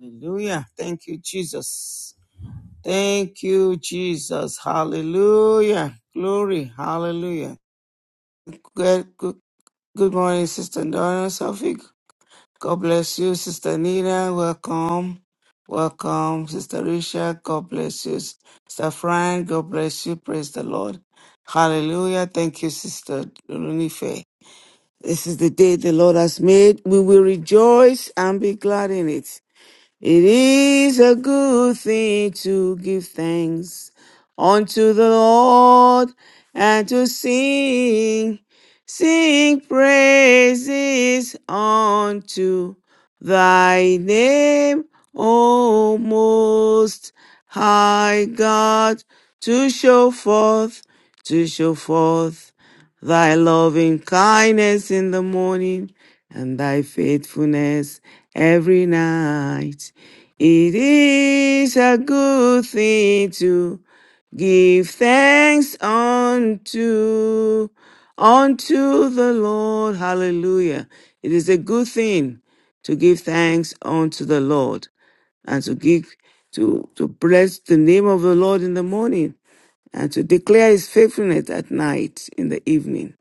Hallelujah. Thank you, Jesus. Thank you, Jesus. Hallelujah. Glory. Hallelujah. Good, good, good morning, Sister Donna Sophic. God bless you, Sister Nina. Welcome. Welcome, Sister Risha. God bless you. Sister Fran, God bless you. Praise the Lord. Hallelujah. Thank you, Sister Lunife. This is the day the Lord has made. We will rejoice and be glad in it. It is a good thing to give thanks unto the Lord and to sing, sing praises unto thy name, O most high God, to show forth, to show forth thy loving kindness in the morning and thy faithfulness every night. It is a good thing to give thanks unto unto the Lord. Hallelujah. It is a good thing to give thanks unto the Lord and to give to, to bless the name of the Lord in the morning and to declare his faithfulness at night in the evening.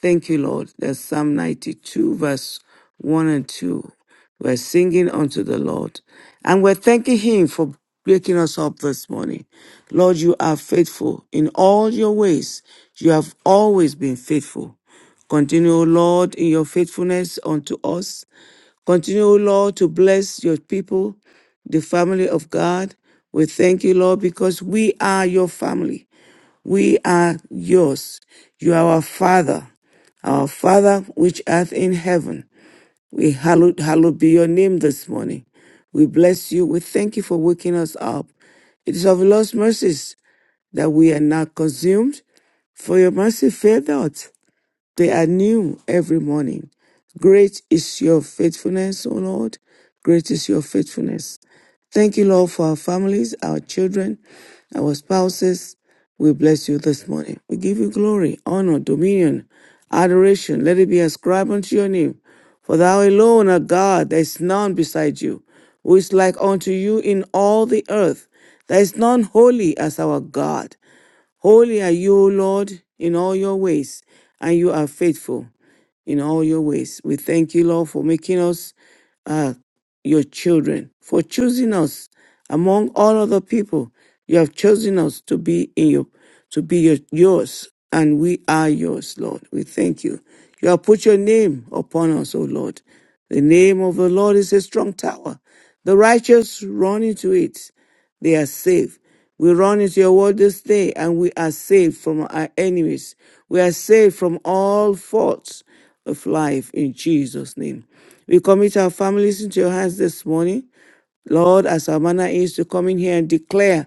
Thank you, Lord. That's Psalm 92, verse 1 and 2. We're singing unto the Lord. And we're thanking him for waking us up this morning. Lord, you are faithful in all your ways. You have always been faithful. Continue, O Lord, in your faithfulness unto us. Continue, O Lord, to bless your people, the family of God. We thank you, Lord, because we are your family. We are yours. You are our Father, our Father which art in heaven. We hallowed, hallowed be your name this morning. We bless you. We thank you for waking us up. It is of your Lord's mercies that we are not consumed, for your mercy failed not. They are new every morning. Great is your faithfulness, O Lord. Great is your faithfulness. Thank you, Lord, for our families, our children, our spouses. We bless you this morning. We give you glory, honor, dominion, adoration. Let it be ascribed unto your name. For thou alone art God, there is none beside you, who is like unto you in all the earth. There is none holy as our God. Holy are you, O Lord, in all your ways, and you are faithful in all your ways. We thank you, Lord, for making us uh, your children, for choosing us among all other people. You have chosen us to be in your, to be your, yours, and we are yours, Lord. We thank you. You have put your name upon us, O Lord. The name of the Lord is a strong tower. The righteous run into it they are saved. We run into your word this day and we are saved from our enemies. We are saved from all faults of life in Jesus' name. We commit our families into your hands this morning. Lord, as our manner is to come in here and declare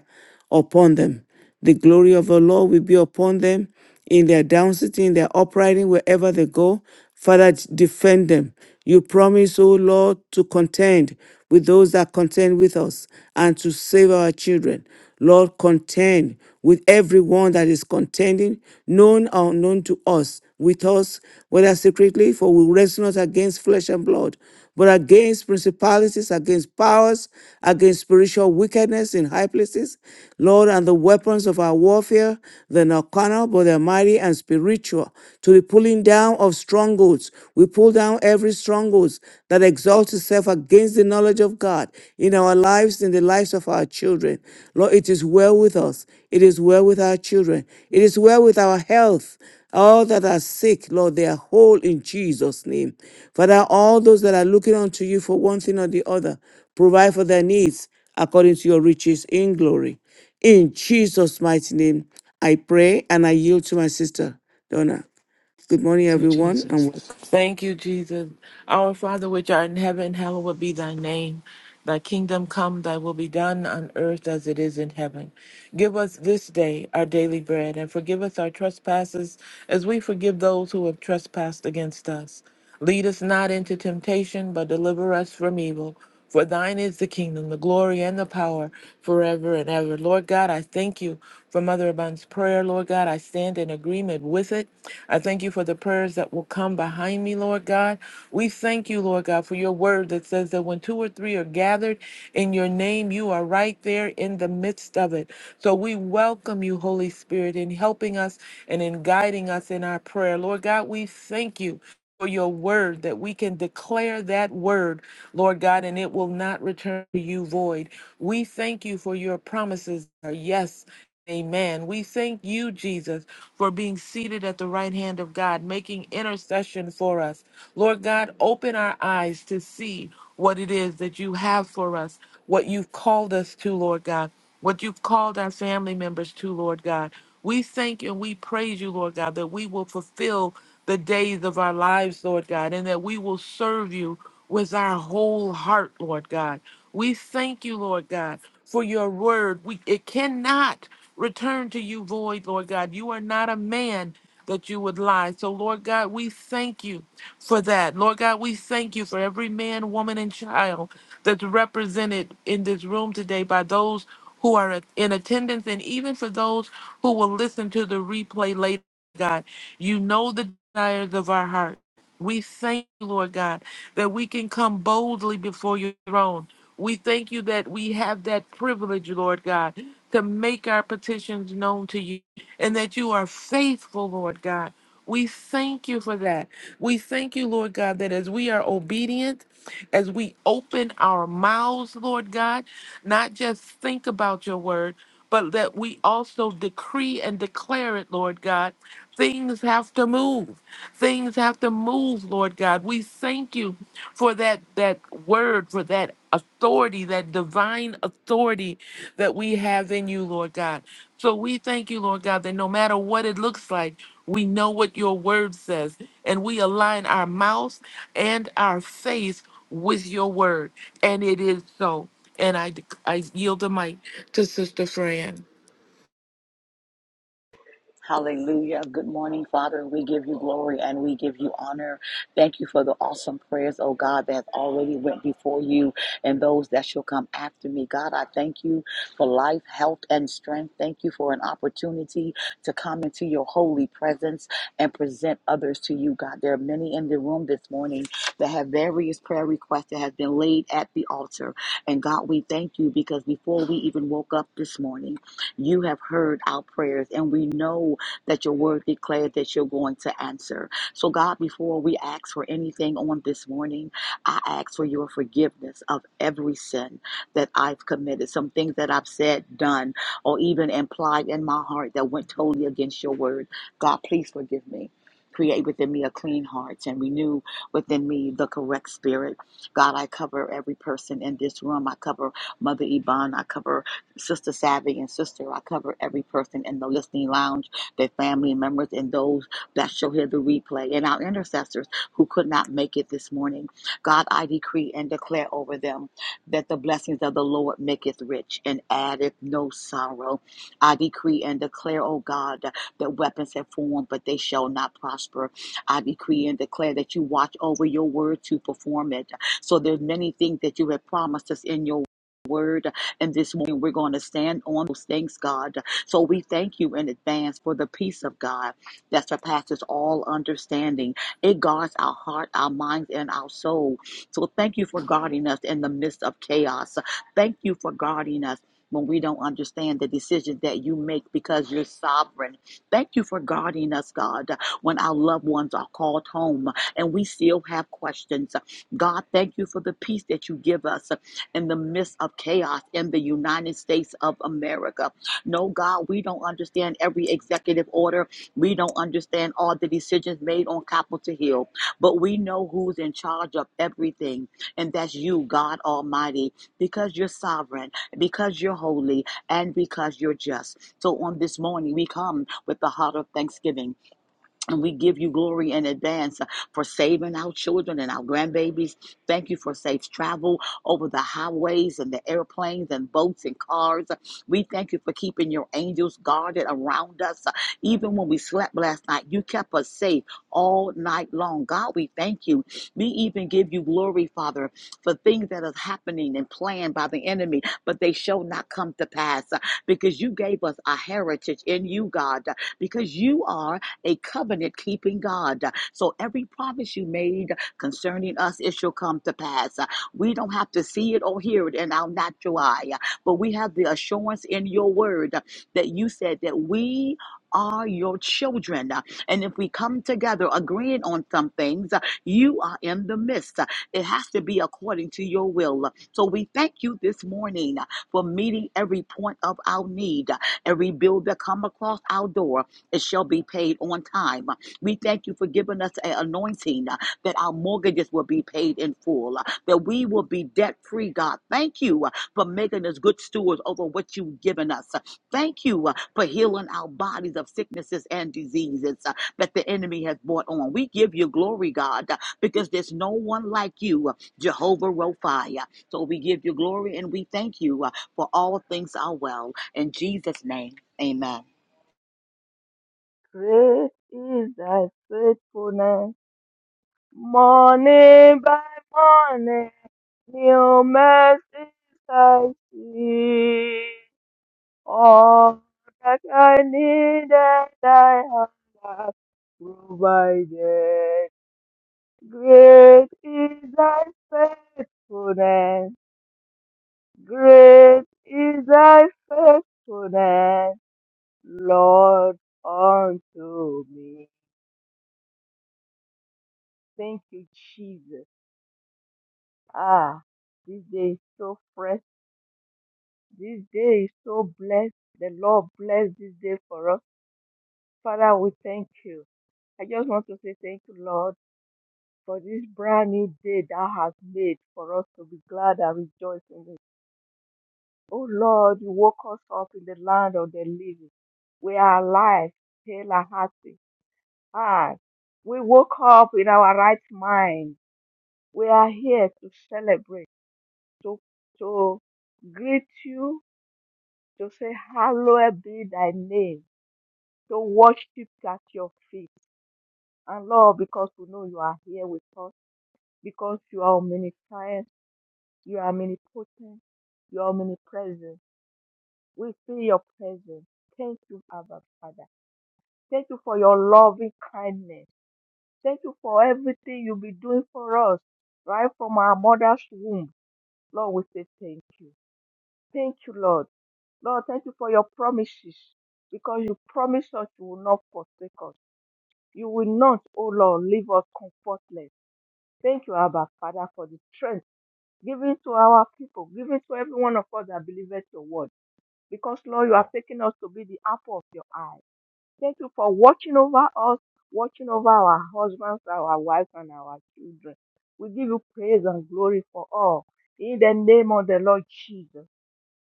upon them. The glory of the Lord will be upon them in their down sitting, in their uprising, wherever they go. Father, defend them. You promise, O Lord, to contend with those that contend with us and to save our children. Lord, contend with everyone that is contending, known or unknown to us, with us, whether secretly, for we wrestle not against flesh and blood, but against principalities, against powers, against spiritual wickedness in high places. Lord, and the weapons of our warfare, they're not carnal, but they're mighty and spiritual. To the pulling down of strongholds, we pull down every strongholds that exalts itself against the knowledge of God in our lives, in the lives of our children. Lord, it is well with us. It is well with our children. It is well with our health. All that are sick, Lord, they are whole in Jesus' name. Father, all those that are looking unto you for one thing or the other, provide for their needs according to your riches in glory. In Jesus' mighty name, I pray and I yield to my sister, Donna. Good morning, Thank you, everyone, and Jesus. welcome. Thank you, Jesus. Our Father, which art in heaven, hallowed be thy name. Thy kingdom come, thy will be done on earth as it is in heaven. Give us this day our daily bread, and forgive us our trespasses as we forgive those who have trespassed against us. Lead us not into temptation, but deliver us from evil. For thine is the kingdom, the glory, and the power forever and ever. Lord God, I thank you for Mother Abundant's prayer. Lord God, I stand in agreement with it. I thank you for the prayers that will come behind me, Lord God. We thank you, Lord God, for your word that says that when two or three are gathered in your name, you are right there in the midst of it. So we welcome you, Holy Spirit, in helping us and in guiding us in our prayer. Lord God, we thank you for your word that we can declare that word, Lord God, and it will not return to you void. We thank you for your promises. Are yes. Amen. We thank you, Jesus, for being seated at the right hand of God, making intercession for us. Lord God, open our eyes to see what it is that you have for us, what you've called us to, Lord God, what you've called our family members to, Lord God. We thank and we praise you, Lord God, that we will fulfill the days of our lives, Lord God, and that we will serve you with our whole heart, Lord God. We thank you, Lord God, for your word. We it cannot return to you void, Lord God. You are not a man that you would lie. So, Lord God, we thank you for that. Lord God, we thank you for every man, woman, and child that's represented in this room today by those who are in attendance and even for those who will listen to the replay later, God. You know the desires of our heart. We thank you, Lord God, that we can come boldly before your throne. We thank you that we have that privilege, Lord God, to make our petitions known to you and that you are faithful, Lord God. We thank you for that. We thank you, Lord God, that as we are obedient, as we open our mouths, Lord God, not just think about your word, but that we also decree and declare it, Lord God. Things have to move. Things have to move, Lord God. We thank you for that that word, for that authority, that divine authority that we have in you, Lord God. So we thank you, Lord God, that no matter what it looks like, we know what your word says, and we align our mouths and our faith with your word. And it is so. And I, I yield the mic to Sister Fran. Hallelujah. Good morning, Father. We give you glory and we give you honor. Thank you for the awesome prayers, oh God, that have already went before you and those that shall come after me. God, I thank you for life, health, and strength. Thank you for an opportunity to come into your holy presence and present others to you, God. There are many in the room this morning that have various prayer requests that have been laid at the altar. And God, we thank you because before we even woke up this morning, you have heard our prayers, and we know that your word declared that you're going to answer. So, God, before we ask for anything on this morning, I ask for your forgiveness of every sin that I've committed, some things that I've said, done, or even implied in my heart that went totally against your word. God, please forgive me. Create within me a clean heart and renew within me the correct spirit. God, I cover every person in this room. I cover Mother Yvonne. I cover Sister Savvy and Sister. I cover every person in the listening lounge, their family members, and those that shall hear the replay, and our intercessors who could not make it this morning. God, I decree and declare over them that the blessings of the Lord maketh rich and addeth no sorrow. I decree and declare, O God, that weapons have formed, but they shall not prosper. I decree and declare that you watch over your word to perform it. So there's many things that you have promised us in your word and this morning we're going to stand on those things, God. So we thank you in advance for the peace of God that surpasses all understanding. It guards our heart, our minds, and our soul. So thank you for guarding us in the midst of chaos. Thank you for guarding us. When we don't understand the decisions that you make because you're sovereign. Thank you for guarding us, God, when our loved ones are called home and we still have questions. God, thank you for the peace that you give us in the midst of chaos in the United States of America. No, God, we don't understand every executive order. We don't understand all the decisions made on Capitol Hill, but we know who's in charge of everything, and that's you, God Almighty, because you're sovereign, because you're holy, and because you're just. So on this morning, we come with the heart of thanksgiving and we give you glory in advance uh, for saving our children and our grandbabies. Thank you for safe travel over the highways and the airplanes and boats and cars. We thank you for keeping your angels guarded around us. Uh, Even when we slept last night, you kept us safe all night long. God, we thank you. We even give you glory, Father, for things that are happening and planned by the enemy, but they shall not come to pass uh, because you gave us a heritage in you, God, uh, because you are a covenant keeping God. So every promise you made concerning us, it shall come to pass. We don't have to see it or hear it in our natural eye, but we have the assurance in your word that you said that we are your children. And if we come together agreeing on some things, you are in the midst. It has to be according to your will. So we thank you this morning for meeting every point of our need, every bill that come across our door. It shall be paid on time. We thank you for giving us an anointing uh, that our mortgages will be paid in full, uh, that we will be debt free, God. Thank you uh, for making us good stewards over what you've given us. Uh, Thank you uh, for healing our bodies of sicknesses and diseases uh, that the enemy has brought on. We give you glory, God, uh, because there's no one like you, uh, Jehovah Rophi. Uh, So we give you glory and we thank you uh, for all things are well. In Jesus' name, amen. Great is thy faithfulness, morning by morning, new mercies I see. All that I needed, thy hand hath provided. Great is thy faithfulness, great is thy faithfulness, Lord, unto me. Thank you, Jesus. Ah, this day is so fresh. This day is so blessed. The Lord bless this day for us. Father, we thank you. I just want to say thank you, Lord, for this brand new day that has made for us to be glad and rejoice in it. Oh Lord, you woke us up in the land of the living. We are alive, hale and hearty. Ah, we woke up in our right mind. We are here to celebrate, to to greet you to say, Hallowed be thy name, to worship at your feet. And Lord, because we know you are here with us, because you are omniscient, you are omnipotent, you are omnipresent. We feel your presence. Thank you, Abba Father. Thank you for your loving kindness. Thank you for everything you'll be doing for us, right from our mother's womb. Lord, we say thank you. Thank you, Lord. Lord, thank you for your promises because you promised us you will not forsake us. You will not, O Lord, leave us comfortless. Thank you, Abba Father, for the strength given to our people, given to every one of us that believeth your word. Because, Lord, you have taken us to be the apple of your eye. Thank you for watching over us, watching over our husbands, our wives, and our children. We give you praise and glory for all. In the name of the Lord Jesus.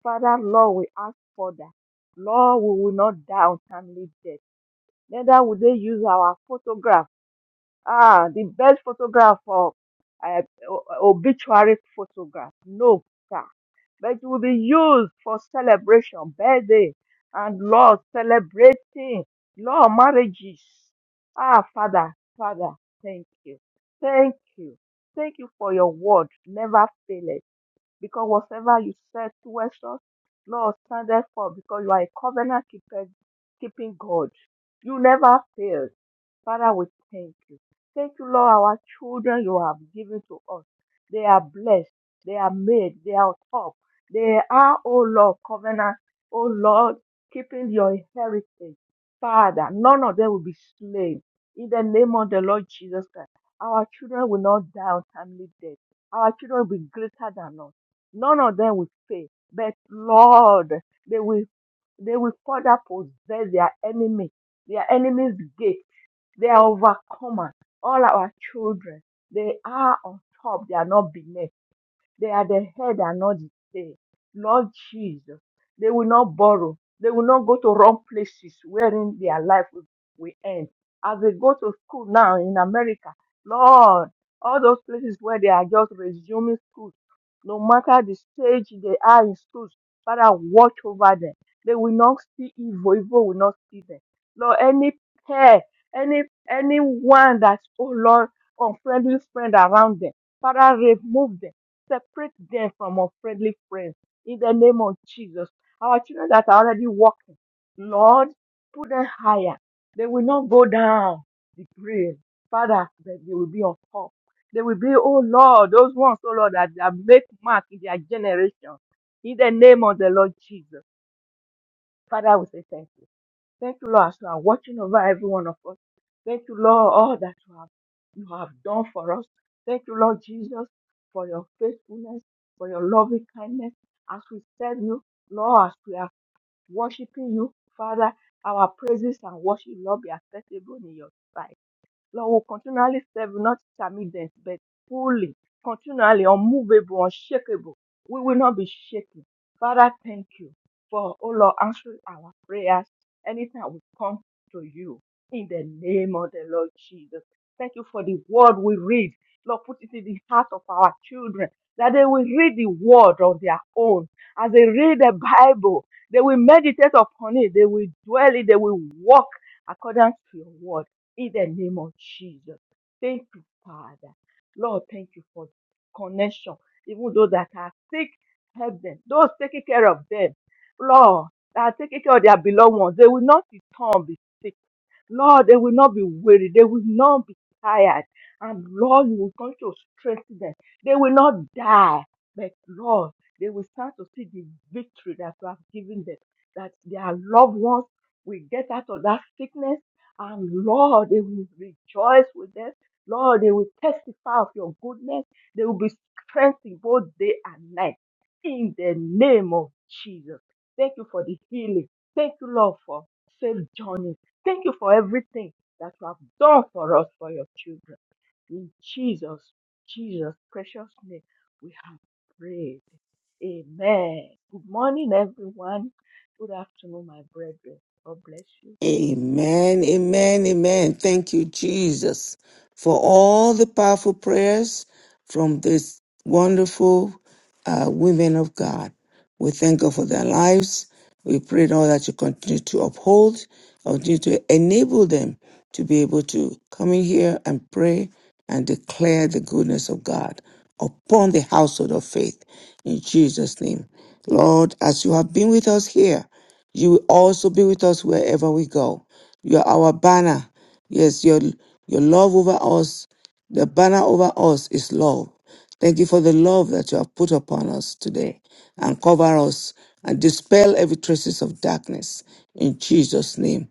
Father, Lord, we ask for that. Lord, we will not die untimely death. Neither will they use our photograph Ah, the best photograph for uh, o- obituary photograph. No, sir. But it will be used for celebration, birthday, and Lord celebrating, Lord marriages. Ah, Father, Father, thank you. Thank you. Thank you for your word. Never failing because whatever you said towards us, Lord, standeth for because you are a covenant keeper, keeping God. You never fail. Father, we thank you. Thank you, Lord, our children you have given to us. They are blessed. They are made. They are top. They are, oh Lord, covenant, oh Lord, keeping your heritage. Father, none of them will be slain. In the name of the Lord Jesus Christ, our children will not die untimely death. Our children will be greater than us. None of them will fail. But Lord, they will they will further possess their enemy, their enemy's gate. They are overcomers. All our children, they are on top. They are not beneath. They are the head and not the tail. Lord Jesus, they will not borrow. They will not go to wrong places wherein their life will, will end. As they go to school now in America, Lord, all those places where they are just resuming school, no matter the stage they are in schools, Father, watch over them. They will not see evil. Evil will not see them. Lord, any pair, any anyone that's oh Lord, unfriendly friend around them, Father, remove them separate them from unfriendly friends in the name of Jesus. Our children that are already walking, Lord, put them higher. They will not go down the grave. Father, that they will be on top. They will be, oh Lord, those ones, oh Lord, that, that make mark in their generation. In the name of the Lord Jesus. Father, we say thank you. Thank you, Lord, as you are watching over every one of us. Thank you, Lord, all that you have you have done for us. Thank you, Lord Jesus, for your faithfulness, for your loving kindness. As we serve you, Lord, as we are worshiping you, Father, our praises and worship, Lord, be acceptable in your sight. Lord will continually serve, not intermittent, but fully, continually, unmovable, unshakable. We will not be shaken. Father, thank you for, oh Lord, answering our prayers anytime we come to you in the name of the Lord Jesus. Thank you for the word we read. Lord, put it in the heart of our children that they will read the word on their own. As they read the Bible, they will meditate upon it, they will dwell it, they will walk according to your word in the name of Jesus. Thank you, Father. Lord, thank you for connection. Even those that are sick, help them. Those taking care of them, Lord, that are taking care of their beloved ones, they will not return. be sick. Lord, they will not be weary. They will not be tired. And Lord, you will come to strengthen them. They will not die. But Lord, they will start to see the victory that you have given them. That their loved ones will get out of that sickness. And Lord, they will rejoice with them. Lord, they will testify of your goodness. They will be strengthened both day and night. In the name of Jesus. Thank you for the healing. Thank you, Lord, for safe journey Thank you for everything that you have done for us, for your children. In Jesus, Jesus' precious name, we have prayed. Amen. Good morning, everyone. Good afternoon, my brethren. God bless you. Amen, Amen. I give my amen, amen. Thank you, Jesus, for all the powerful prayers from this wonderful uh, women of God. We thank God for their lives. We pray now that you continue to uphold, continue to enable them to be able to come in here and pray and declare the goodness of God upon the household of faith in Jesus' name. Lord, as you have been with us here, you will also be with us wherever we go. You are our banner. Yes, your, your love over us, the banner over us is love. Thank you for the love that you have put upon us today and cover us and dispel every traces of darkness in Jesus' name.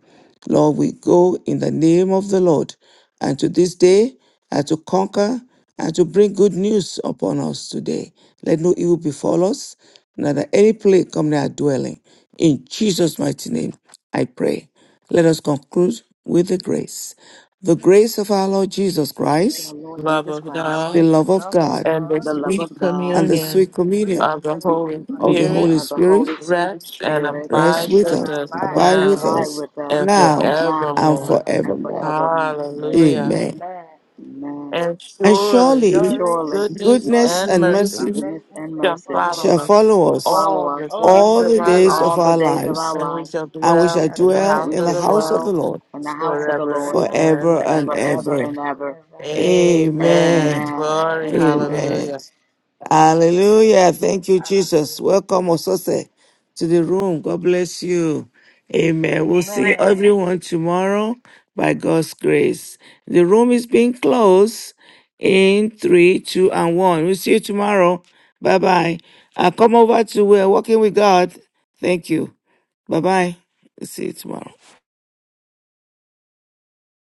Lord, we go in the name of the Lord and to this day, and to conquer, and to bring good news upon us today. Let no evil befall us, neither any plague come near our dwelling. In Jesus' mighty name, I pray. Let us conclude with the grace. The grace of our Lord Jesus Grace of our Christ, Lord Love Jesus of Christ, the God love the of love of God, and the God the love sweet of God, and the and communion sweet the free communion of the sweet Holy fellowship of of the the communion Holy Holy Spirit of the Holy Spirit Spirit rest and Spirit, rest abide rest with and with us and us abide rest abide with and with now us abide us with us and now now and now and forevermore. forever. and forevermore. forevermore. Hallelujah. Amen. Amen. Amen. And And And surely surely surely Surely, goodness God's Goodness and and goodness mercy and mercy goodness mercy and shall shall mercy follow follow shall us us follow should us follow all us the all days all of the the our days days life, all of of the our days our of our life lives, and we lives. shall and we and dwell shall shall in the dwell dwell house We in in of the should the the house Lord of house the dwell Lord in the house and of in the the forever Lord presence of and forever the and Lord ever. forever ever. and ever. forever. Amen. Amen. Amen. Amen. Glory. Amen. Amen. Hallelujah. Thank you, Hallelujah. Jesus. Thank you, Jesus. Hallelujah. Welcome, Osose, to the room. God bless you. Amen. We'll see Amen. everyone tomorrow by God's grace. The room is being closed in three, two, and one. We'll see you tomorrow. Bye bye. Uh, come over to we're Walking with God. Thank you. Bye bye. See you tomorrow.